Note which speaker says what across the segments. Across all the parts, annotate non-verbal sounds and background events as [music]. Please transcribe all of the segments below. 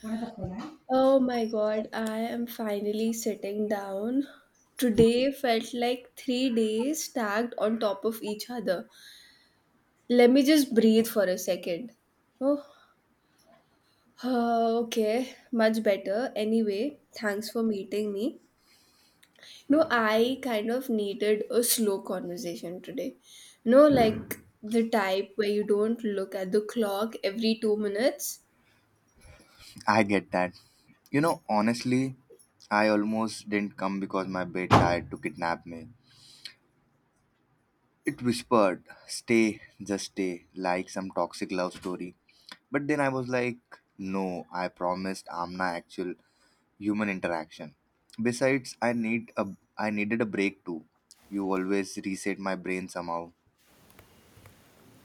Speaker 1: What are the pronoun?
Speaker 2: Oh my god, I am finally sitting down. Today felt like 3 days stacked on top of each other. Let me just breathe for a second. Oh, okay, much better. Anyway, thanks for meeting me. No, I kind of needed a slow conversation today. No, like the type where you don't look at the clock every 2 minutes.
Speaker 1: I get that. You know, honestly, I almost didn't come because my bed tried to kidnap me. It whispered, stay, just stay, like some toxic love story. But then I was like, no, I promised Amna actual human interaction. Besides, I needed a break too. You always reset my brain somehow.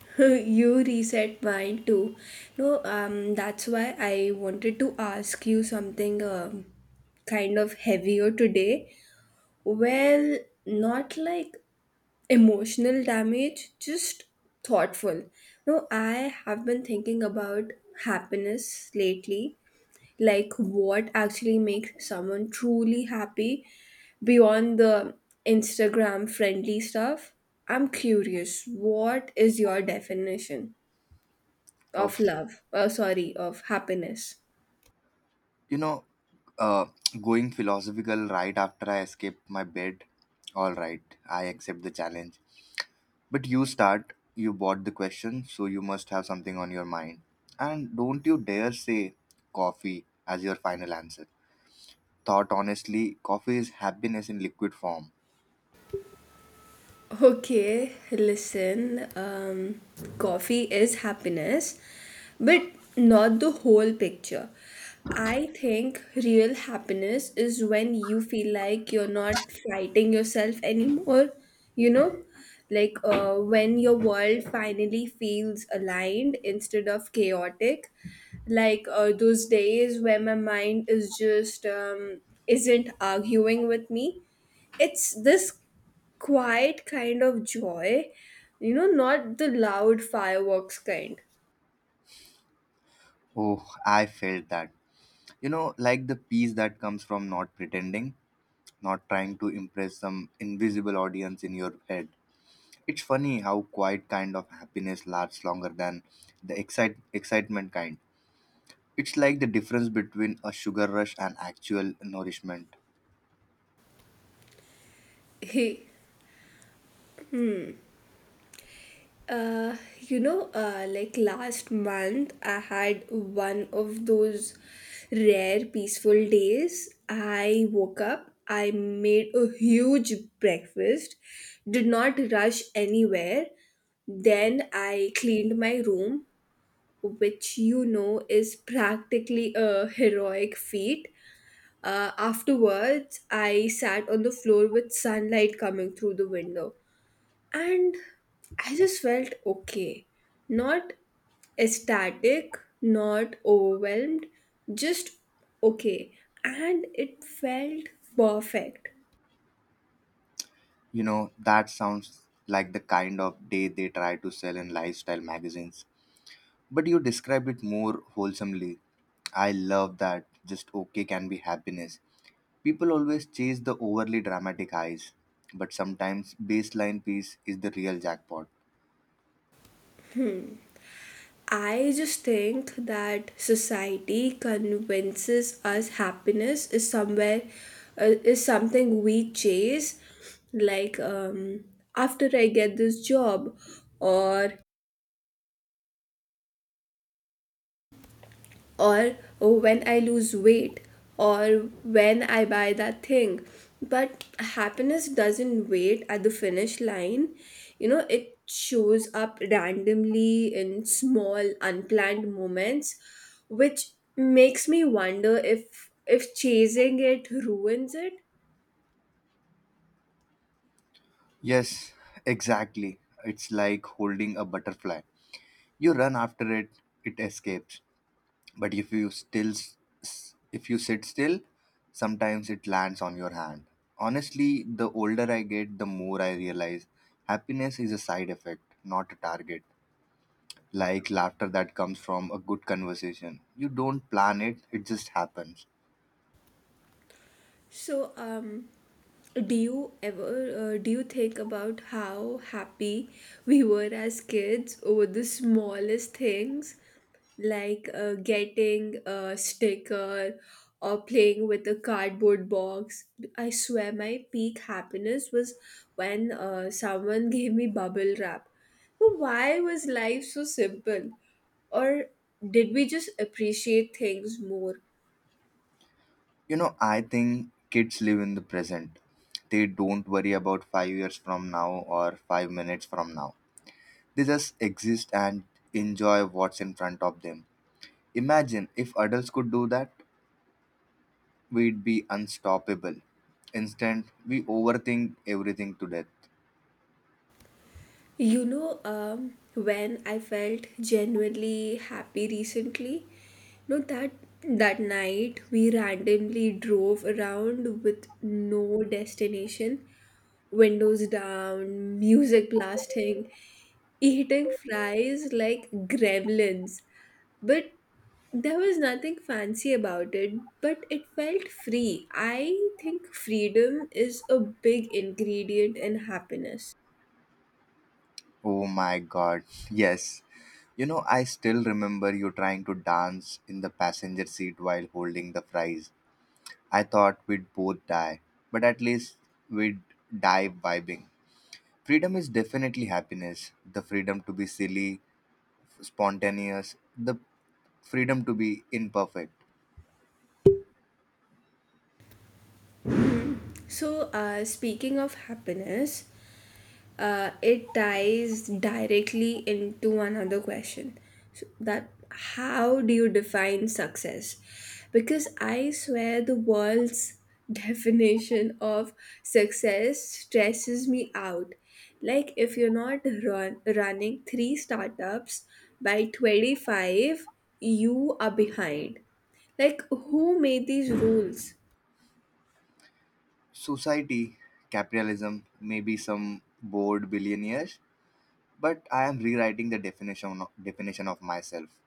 Speaker 2: [laughs] You reset mine too. No, That's why I wanted to ask you something, kind of heavier today. Well, not like emotional damage, just thoughtful. No, I have been thinking about happiness lately, like what actually makes someone truly happy beyond the Instagram friendly stuff. I'm curious, what is your definition of
Speaker 1: Of
Speaker 2: happiness.
Speaker 1: you know, uh, Going philosophical right after I escaped my bed. All right, I accept the challenge. But you start, you bought the question, so you must have something on your mind. And don't you dare say coffee as your final answer. Thought honestly, coffee is happiness in liquid form.
Speaker 2: Okay, listen, coffee is happiness, but not the whole picture. I think real happiness is when you feel like you're not fighting yourself anymore, you know? When your world finally feels aligned instead of chaotic. Those days where my mind is just isn't arguing with me, it's this quiet kind of joy, not the loud fireworks kind.
Speaker 1: Oh, I felt that. You know, like the peace that comes from not pretending, not trying to impress some invisible audience in your head. It's funny how quiet kind of happiness lasts longer than the excitement kind. It's like the difference between a sugar rush and actual nourishment.
Speaker 2: Hey, like last month, I had one of those rare peaceful days. I woke up, I made a huge breakfast, did not rush anywhere. Then I cleaned my room, which you know is practically a heroic feat. Afterwards, I sat on the floor with sunlight coming through the window, and I just felt okay. Not ecstatic, not overwhelmed, just okay. And it felt perfect.
Speaker 1: You know, that sounds like the kind of day they try to sell in lifestyle magazines. But you describe it more wholesomely. I love that just okay can be happiness. People always chase the overly dramatic highs, but sometimes baseline peace is the real jackpot.
Speaker 2: I just think that society convinces us happiness is something we chase, like, after I get this job, or or "Oh, when I lose weight or when I buy that thing." But happiness doesn't wait at the finish line. You know, it shows up randomly in small, unplanned moments, which makes me wonder if chasing it ruins it.
Speaker 1: Yes, exactly. It's like holding a butterfly. You run after it, it escapes. But if you still s- s- if you sit still, sometimes it lands on your hand. Honestly, the older I get, the more I realize happiness is a side effect, not a target. Like laughter that comes from a good conversation, you don't plan it, it just happens.
Speaker 2: So, um, do you think about how happy we were as kids over the smallest things, getting a sticker or playing with a cardboard box? I swear my peak happiness was when someone [laughs] gave me bubble wrap. But why was life so simple? Or did we just appreciate things more?
Speaker 1: You know, I think kids live in the present. They don't worry about 5 years from now or 5 minutes from now. They just exist and enjoy what's in front of them. Imagine if adults could do that. We'd be unstoppable. Instead, we overthink everything to death.
Speaker 2: When I felt genuinely happy recently, no, that that night we randomly drove around with no destination, windows down, music blasting, eating fries like gremlins. But There was nothing fancy about it, but it felt free. I think freedom is a big ingredient in happiness.
Speaker 1: Oh my god, yes. You know, I still remember you trying to dance in the passenger seat while holding the fries. I thought we'd both die, but at least we'd die vibing. Freedom is definitely happiness, the freedom to be silly, spontaneous, the freedom to be imperfect.
Speaker 2: Speaking of happiness, it ties directly into another question so that how do you define success? Because I swear the world's [laughs] definition of success stresses me out. Like, if you're not running three startups by 25, you are behind. Like, who made these rules?
Speaker 1: Society, capitalism, maybe some bored billionaires, but I am rewriting the definition of myself.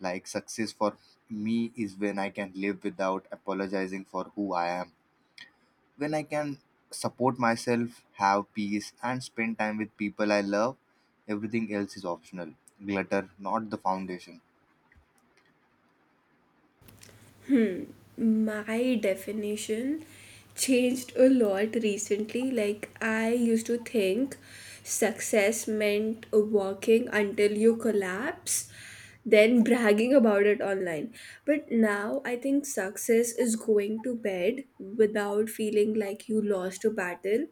Speaker 1: Like success for me is when I can live without apologizing for who I am. When I can support myself, have peace, and spend time with people I love. Everything else is optional. Glitter, not the foundation.
Speaker 2: My definition changed a lot recently. Like, I used to think success meant working until you collapse, then bragging about it online. But now I think success is going to bed without feeling like you lost a battle.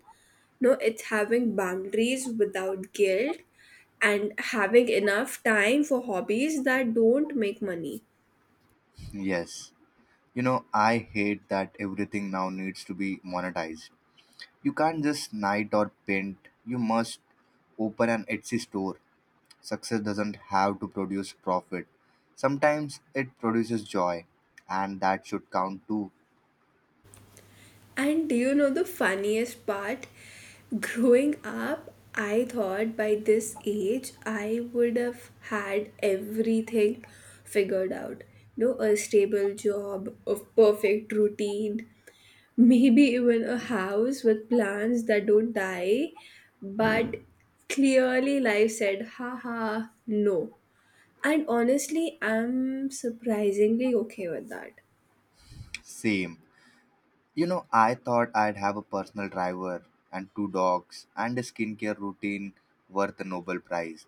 Speaker 2: No, it's having boundaries without guilt and having enough time for hobbies that don't make money.
Speaker 1: Yes. You know, I hate that everything now needs to be monetized. You can't just knight or paint. You must open an Etsy store. Success doesn't have to produce profit. Sometimes it produces joy, and that should count too.
Speaker 2: And do you know the funniest part? Growing up, I thought by this age I would have had everything figured out. No, a stable job, a perfect routine, maybe even a house with plants that don't die. But clearly, life said, "Haha, no." And honestly, I'm surprisingly okay with that.
Speaker 1: Same. You know, I thought I'd have a personal driver and two dogs and a skincare routine worth a Nobel Prize.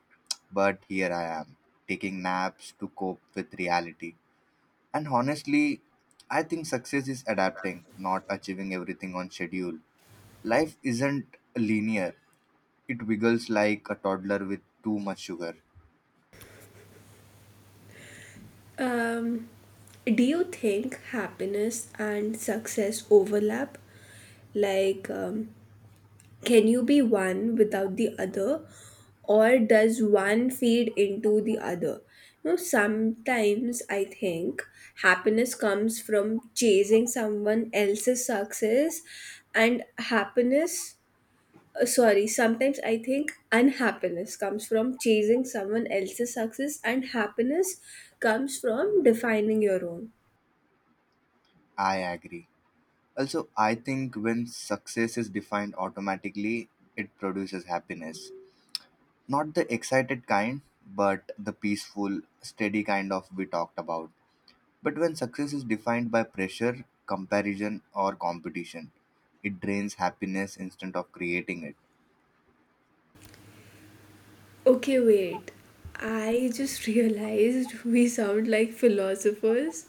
Speaker 1: But here I am, taking naps to cope with reality. And honestly, I think success is adapting, not achieving everything on schedule. Life isn't linear, it wiggles like a toddler with too much sugar.
Speaker 2: Um, Do you think happiness and success overlap? Like, can you be one without the other, or does one feed into the other? No, sometimes I think happiness comes from chasing someone else's success, and happiness, sorry, sometimes I think unhappiness comes from chasing someone else's success, and happiness comes from defining your own.
Speaker 1: I agree. Also, I think when success is defined automatically, it produces happiness. Not the excited kind, but the peaceful, steady kind of we talked about. But when success is defined by pressure, comparison, or competition, it drains happiness instead of creating it.
Speaker 2: Okay, wait. I just [laughs] realized we sound like philosophers.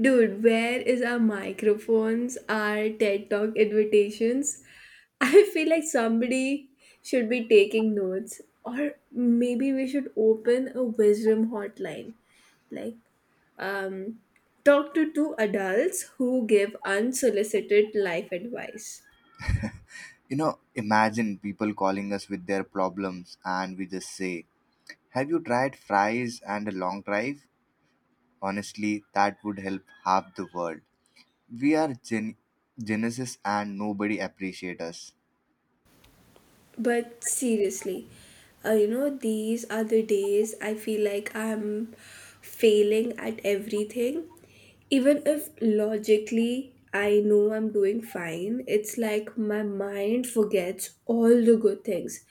Speaker 2: Dude, where is our microphones, our TED Talk invitations? [laughs] I feel like somebody should be taking notes, or maybe we should open a wisdom hotline. Like, um, talk to two adults who give unsolicited life advice.
Speaker 1: You know, imagine people calling us with their problems and we just say, have you tried fries and a long drive? Honestly, that would help half the world. We are genesis and nobody appreciates us.
Speaker 2: But seriously, these are the days I feel like I'm failing at everything. Even if logically I know I'm doing fine, it's like my mind forgets all the good things.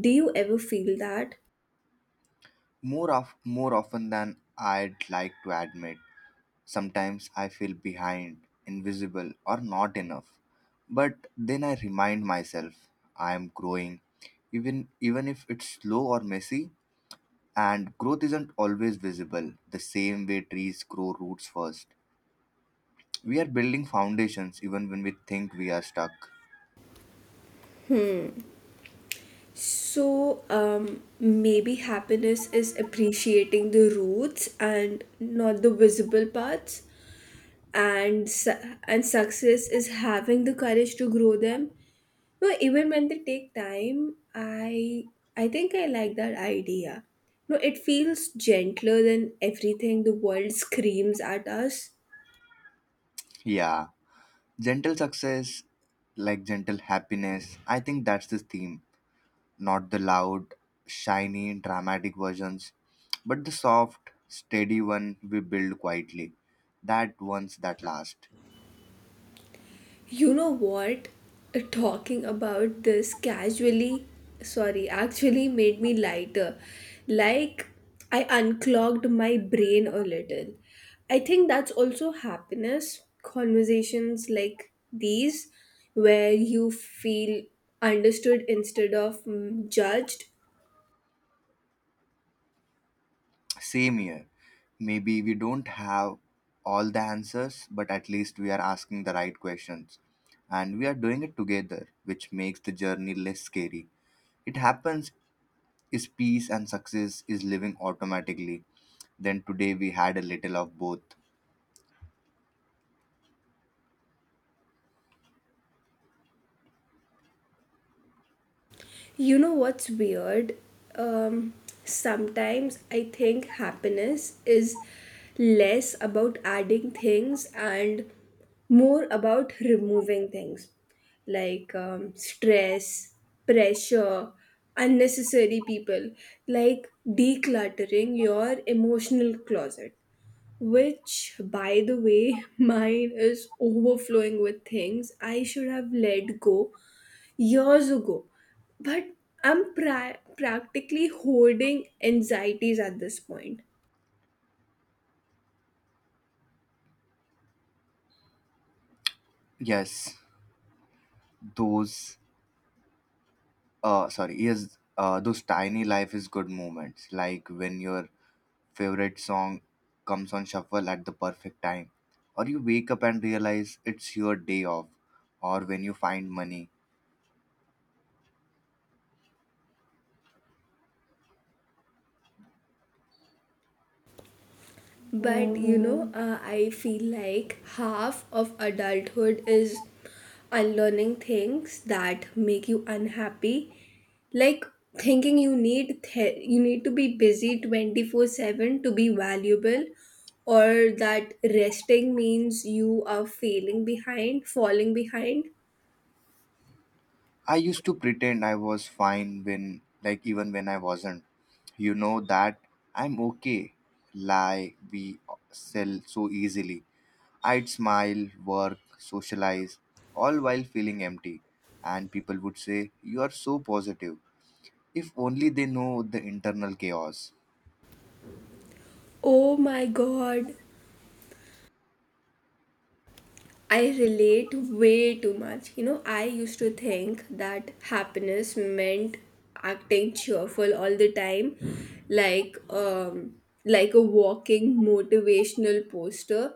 Speaker 2: Do you ever feel that?
Speaker 1: More often than I'd like to admit, sometimes I feel behind, invisible, or not enough. But then I remind myself I am growing, even if it's slow or messy. And growth isn't always visible. The same way trees grow roots first, we are building foundations even when we think we are stuck.
Speaker 2: So, maybe happiness is appreciating the roots and not the visible parts, and and success is having the courage to grow them, no, even when they take time. I think I like that idea. No, it feels gentler than everything the world screams at us.
Speaker 1: Yeah. Gentle success, like gentle happiness, I think that's the theme. Not the loud, shiny, dramatic versions, but the soft, steady one we build quietly. That ones that last.
Speaker 2: You know what? Talking about this casually, sorry, actually made me lighter. Like, I unclogged my brain a little. I think that's also happiness. Conversations like these, where you feel understood instead of judged.
Speaker 1: Same here. Maybe we don't have all the answers, but at least we are asking the right questions. And we are doing it together, which makes the journey less scary. It happens is peace and success is living automatically. Then today we had a little of both.
Speaker 2: You know what's weird? Um, Sometimes I think happiness is less about adding things and more about removing things, like, stress, pressure, unnecessary people, like decluttering your emotional closet, which by the way [laughs] mine is overflowing with things I should have let go years ago. But I'm practically holding anxieties at this point.
Speaker 1: Yes, those those tiny life is good moments, like when your favorite song comes on shuffle at the perfect time, or you wake up and realize it's your day off, or when you find money.
Speaker 2: But you know, I feel like half of adulthood is unlearning things that make you unhappy, like thinking you need to be busy 24/7 to be valuable or that resting means you are falling behind.
Speaker 1: I used to pretend I was fine when like even when I wasn't. You know that I'm okay lie we sell so easily. I'd smile, work, socialize, all while feeling empty. And people would say, you are so positive. If only they know the internal chaos.
Speaker 2: Oh my god, I relate way too much. You know, I used to think that happiness meant acting cheerful all the time, like, like a walking motivational poster.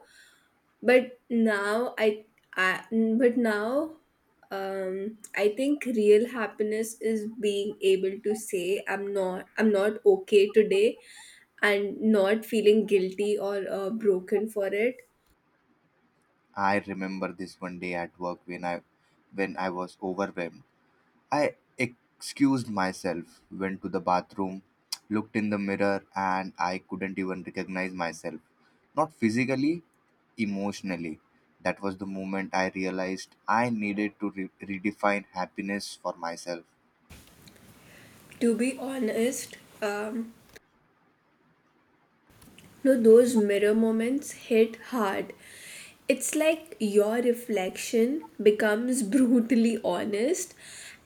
Speaker 2: But I now I think real happiness is being able to say I'm not okay today and not feeling guilty or broken for it.
Speaker 1: I remember this one day at work when I was overwhelmed. I excused myself, went to the bathroom, looked in the mirror, and I couldn't even recognize myself. Not physically, emotionally. That was the moment I realized I needed to redefine happiness for myself.
Speaker 2: To be honest, no, those mirror moments hit hard. It's like your reflection becomes [laughs] brutally honest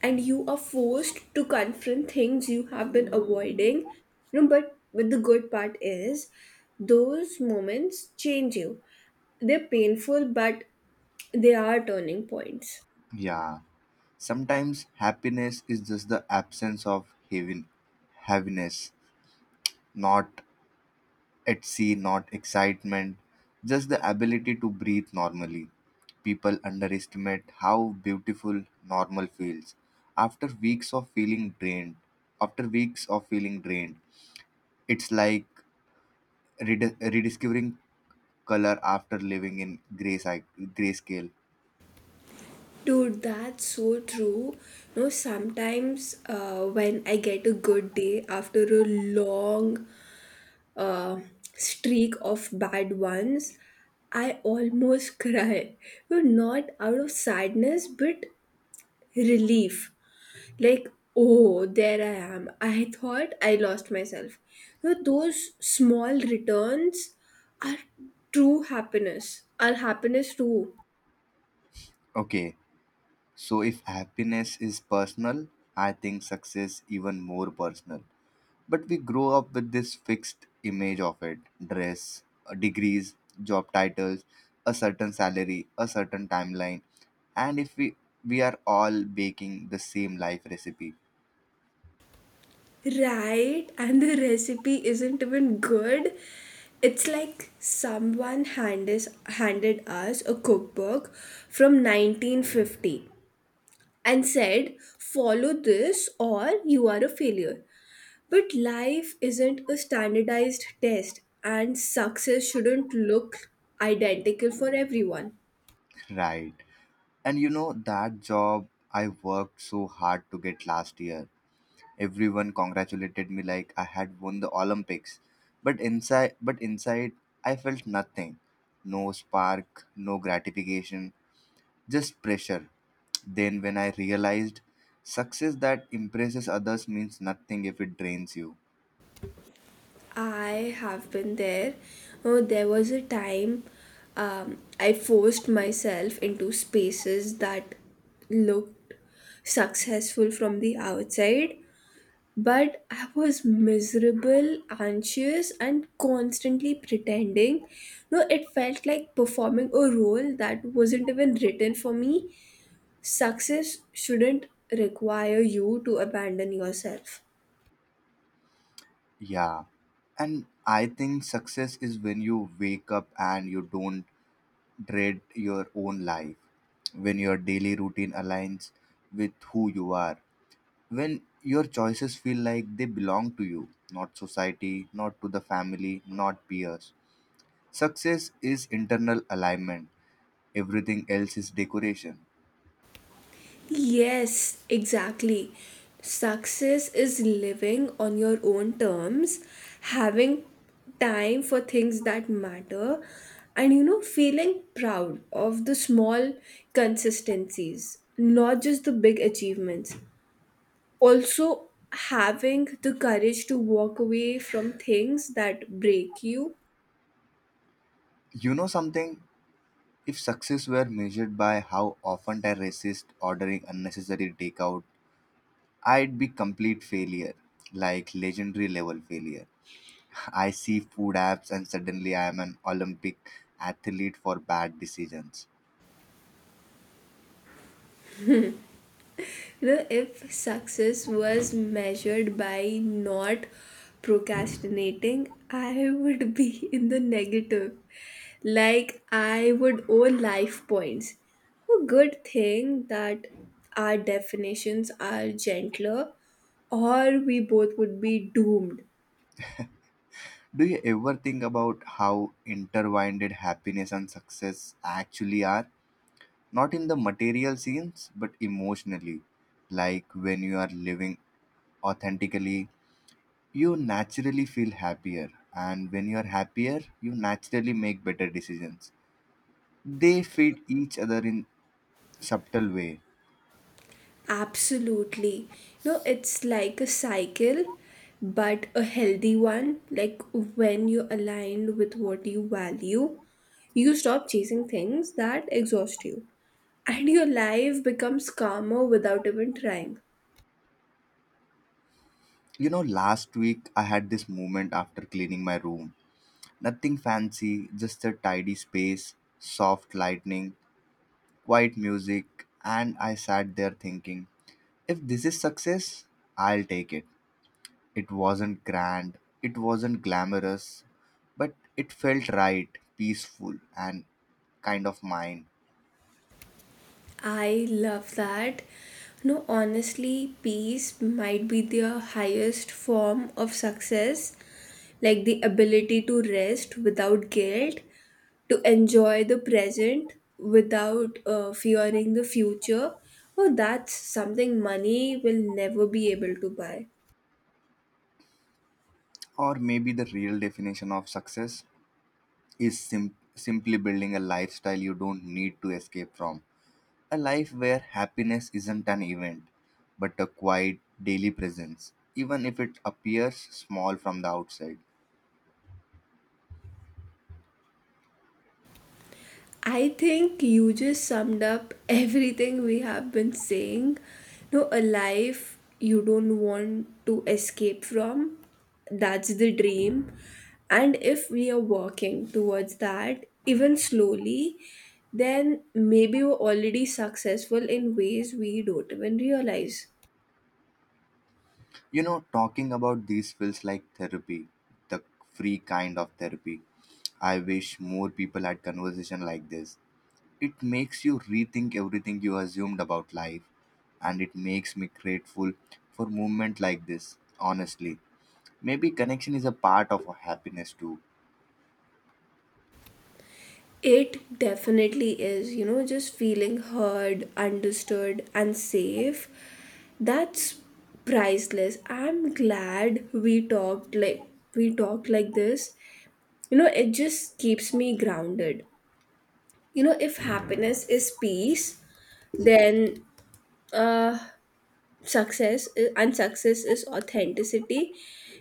Speaker 2: and you are forced to confront things you have been avoiding. You know, but the good part is those moments change you. They're painful but they are turning points.
Speaker 1: Yeah, sometimes happiness is just the absence of heaviness, not at sea, not excitement, just the ability to breathe normally. People underestimate how beautiful normal feels. After weeks of feeling drained, after weeks of feeling drained, it's like rediscovering color after living in grayscale.
Speaker 2: Dude, that's so true. No, sometimes when I get a good day after a long uh, streak of bad ones, I almost [laughs] cry. Well, not out of sadness, but relief. Like, oh, there I am. I thought I lost myself. You know, those small returns are true happiness. Are happiness too.
Speaker 1: Okay, so, if happiness is personal, I think success even more personal. But we grow up with this fixed image of it: dress, degrees, job titles, a certain salary, a certain timeline. And if we are all baking the same life recipe,
Speaker 2: Right? And the recipe isn't even good. It's like someone handed us a cookbook from 1950 and said, follow this or you are a failure. But life isn't a standardized test, and success shouldn't look identical for everyone.
Speaker 1: [laughs] right? And you know, that job I worked so hard to get last year, everyone congratulated me like I had won the Olympics. But inside I felt nothing. No spark, no gratification, just pressure. Then when I realized success that impresses others means nothing if it drains you.
Speaker 2: I have been there. Oh, there was a time I forced myself into spaces that looked successful from the outside, but I was miserable, anxious, and constantly pretending. No, it felt like performing a role that wasn't even written for me. Success shouldn't require you to abandon yourself.
Speaker 1: Yeah. And I think success is when you wake up and you don't dread your own life, when your daily routine aligns with who you are, when your choices feel like they belong to you, not society, not to the family, not peers. Success is internal alignment, everything else is decoration.
Speaker 2: Yes, exactly. Success is living on your own terms, having time for things that matter, and you know, feeling proud of the small consistencies, not just the big achievements. Also, having the courage to walk away from things that break you.
Speaker 1: You know something? If success were measured by how often I resist ordering unnecessary takeout, I'd be complete failure, like legendary level failure. I see food apps and suddenly I am an Olympic athlete for bad decisions.
Speaker 2: You know, if success was measured by not procrastinating, I would be [laughs] in the negative. Like, I would owe life points. A good thing that our definitions are gentler, or we both would be doomed.
Speaker 1: Do you ever think about how intertwined happiness and success actually are? Not in the material sense, but emotionally. Like when you are living authentically, you naturally feel happier, and when you are happier, you naturally make better decisions. They feed each other in subtle way.
Speaker 2: Absolutely. No, it's like a cycle, but a healthy one. Like when you're aligned with what you value, you stop chasing things that exhaust you, and your life becomes calmer without even trying.
Speaker 1: You know, last week I had this moment after cleaning my room. Nothing fancy, just a tidy space, soft lightning, quiet music, and I sat there thinking, if this is success, I'll take it. It wasn't grand, it wasn't glamorous, but it felt right, peaceful, and kind of mine.
Speaker 2: I love that. No, honestly, peace might be their highest form of success, like the ability to rest without guilt, to enjoy the present without fearing the future. Oh, that's something money will never be able to buy.
Speaker 1: Or maybe the real definition of success is simply building a lifestyle you don't need to escape from. A life where happiness isn't an event, but a quiet daily presence, even if it appears small from the outside.
Speaker 2: I think you just summed up everything we have been saying. No, a life you don't want to escape from. That's the dream. And if we are working towards that, even slowly, then maybe we're already successful in ways we don't even realize.
Speaker 1: You know, talking about these feels like therapy, the free kind of therapy. I wish more people had conversation like this. It makes you rethink everything you assumed about life, and it makes me grateful for movement like this, honestly. Maybe connection is a part of happiness too.
Speaker 2: It definitely is, you know, just feeling heard, understood, and safe. That's priceless. I'm glad we talked like this. You know, it just keeps me grounded. You know, if happiness is peace, then uh success is authenticity,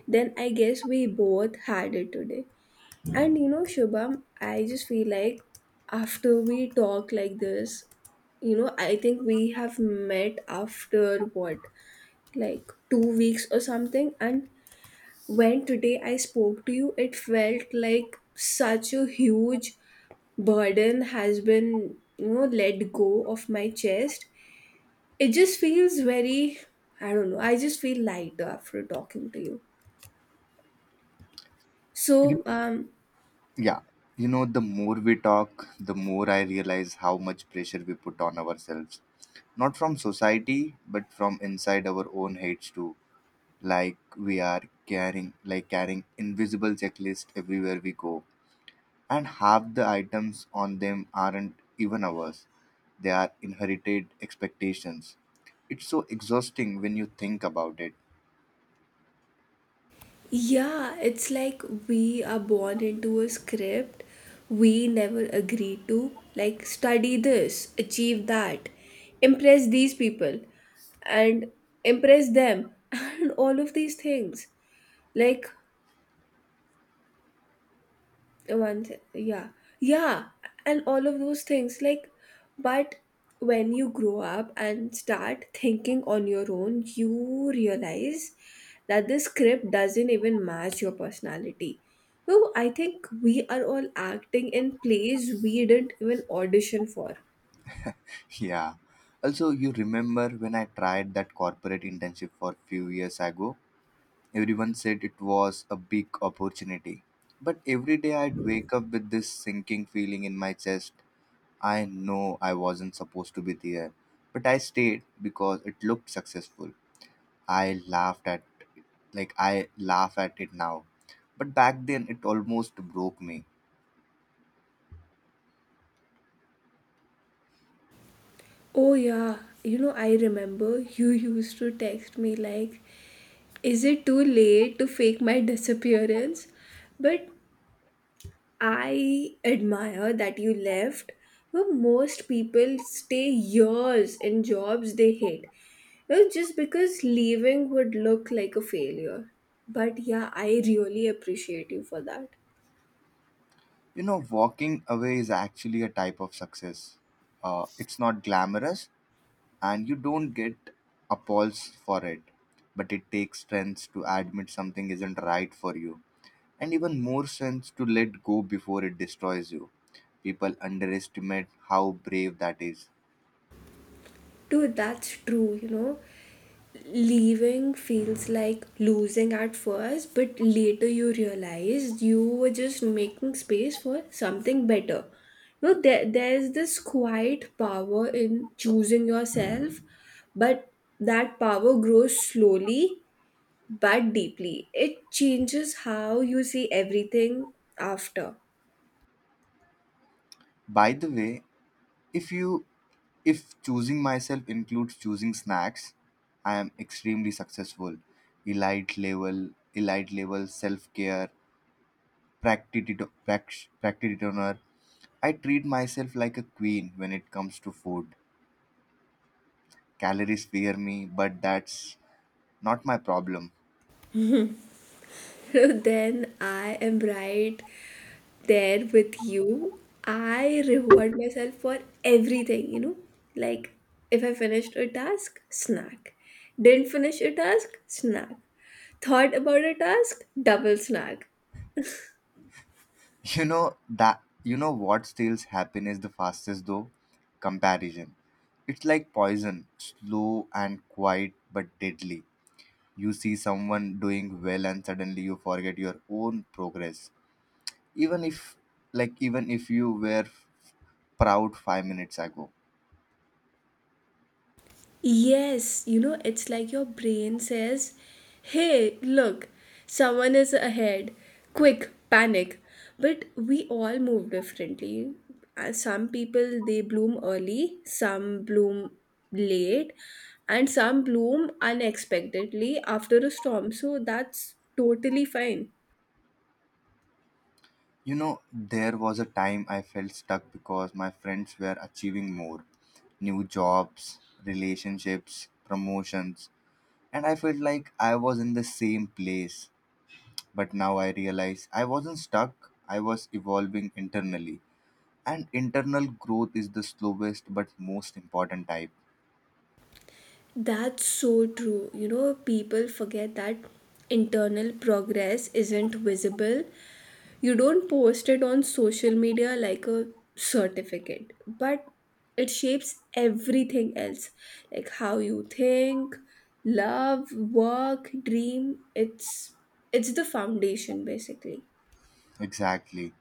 Speaker 2: then I guess we both had it today. And you know, Shubham, I just feel like after we talk like this, you know, I think we have met after what, like 2 weeks or something. And when today I spoke to you, it felt like such a huge burden has been, you know, let go of my chest. It just feels very, I don't know, I just feel lighter after talking to you. So,
Speaker 1: You, yeah. You know, the more we talk, the more I realize how much pressure we put on ourselves. Not from society, but from inside our own heads too, like we are carrying invisible checklist everywhere we go, and half the items on them aren't even ours, they are inherited expectations. It's so exhausting when you think about it.
Speaker 2: yeah, it's like we are born into a script we never agree to. Like, study this, achieve that, impress these people, and impress them, [laughs] and all of these things. Like, one thing, yeah, yeah, and all of those things, like, but when you grow up and start thinking on your own you realize that this script doesn't even match your personality. No, I think we are all acting in plays we didn't even audition for.
Speaker 1: [laughs] Yeah. Also, you remember when I tried that corporate internship for few years ago? Everyone said it was a big opportunity, but every day I'd wake up with this sinking feeling in my chest. I know I wasn't supposed to be there, but I stayed because it looked successful. I laughed at I laugh at it now. But back then it almost broke me.
Speaker 2: Oh yeah, you know, I remember you used to text me like, "Is it too late to fake my disappearance?" But I admire that you left. Well, most people stay years in jobs they hate. Well, just because leaving would look like a failure. But yeah, I really appreciate you for that.
Speaker 1: You know, walking away is actually a type of success. It's not glamorous and you don't get applause for it. But it takes strength to admit something isn't right for you, and even more sense to let go before it destroys you. People underestimate how brave that is.
Speaker 2: Dude, that's true, you know. Leaving feels like losing at first, but later you realize you were just making space for something better. You know, there's this quiet power in choosing yourself, but that power grows slowly but deeply. It changes how you see everything after.
Speaker 1: By the way, if you if choosing myself includes choosing snacks, I am extremely successful. Elite level self care, practitioner. I treat myself like a queen when it comes to food. Calories fear me, but that's not my problem.
Speaker 2: [laughs] Then I am right there with you. I reward myself for everything, you know. Like, if I finished a task, snack. Didn't finish a task, snack. Thought about a task, double snack.
Speaker 1: [laughs] You know what steals happiness the fastest though? Comparison. It's like poison, slow and quiet but deadly. You see someone doing well and suddenly you forget your own progress. Even if, even if you were proud 5 minutes ago.
Speaker 2: Yes, you know, it's like your brain says, hey, look, someone is ahead. Quick, panic. But we all move differently. Some people they bloom early, some bloom late, and some bloom unexpectedly after a storm. So that's totally fine.
Speaker 1: You know, there was a time I felt stuck because my friends were achieving more, new jobs, relationships, promotions, and I felt like I was in the same place. But now I realize I wasn't stuck, I was evolving internally. And internal growth is the slowest but most important type.
Speaker 2: That's so true. You know, people forget that internal progress isn't visible. You don't post it on social media like a certificate, but it shapes everything else, like how you think, love, work, dream. It's the foundation basically.
Speaker 1: Exactly.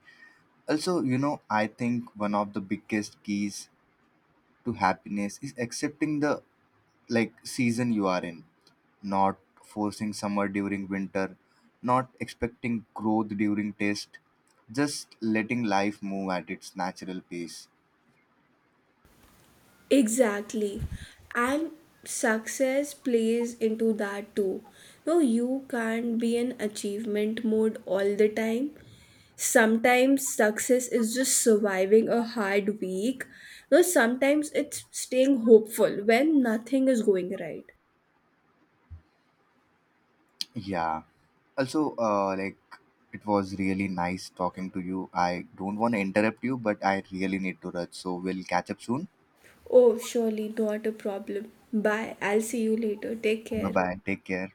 Speaker 1: Also, you know, I think one of the biggest keys to happiness is accepting the, like, season you are in, not forcing summer during winter, not expecting growth during test, just letting life move at its natural pace.
Speaker 2: Exactly. And success plays into that too. No, you can't be in achievement mode all the time. Sometimes success is just surviving a hard week. No, sometimes it's staying hopeful when nothing is going right.
Speaker 1: Yeah. Also, like it was really nice talking to you. I don't want to interrupt you, but I really need to rush, so we'll catch up soon.
Speaker 2: Oh, surely not a problem. Bye. I'll see you later. Take
Speaker 1: Bye
Speaker 2: care.
Speaker 1: bye. Take care.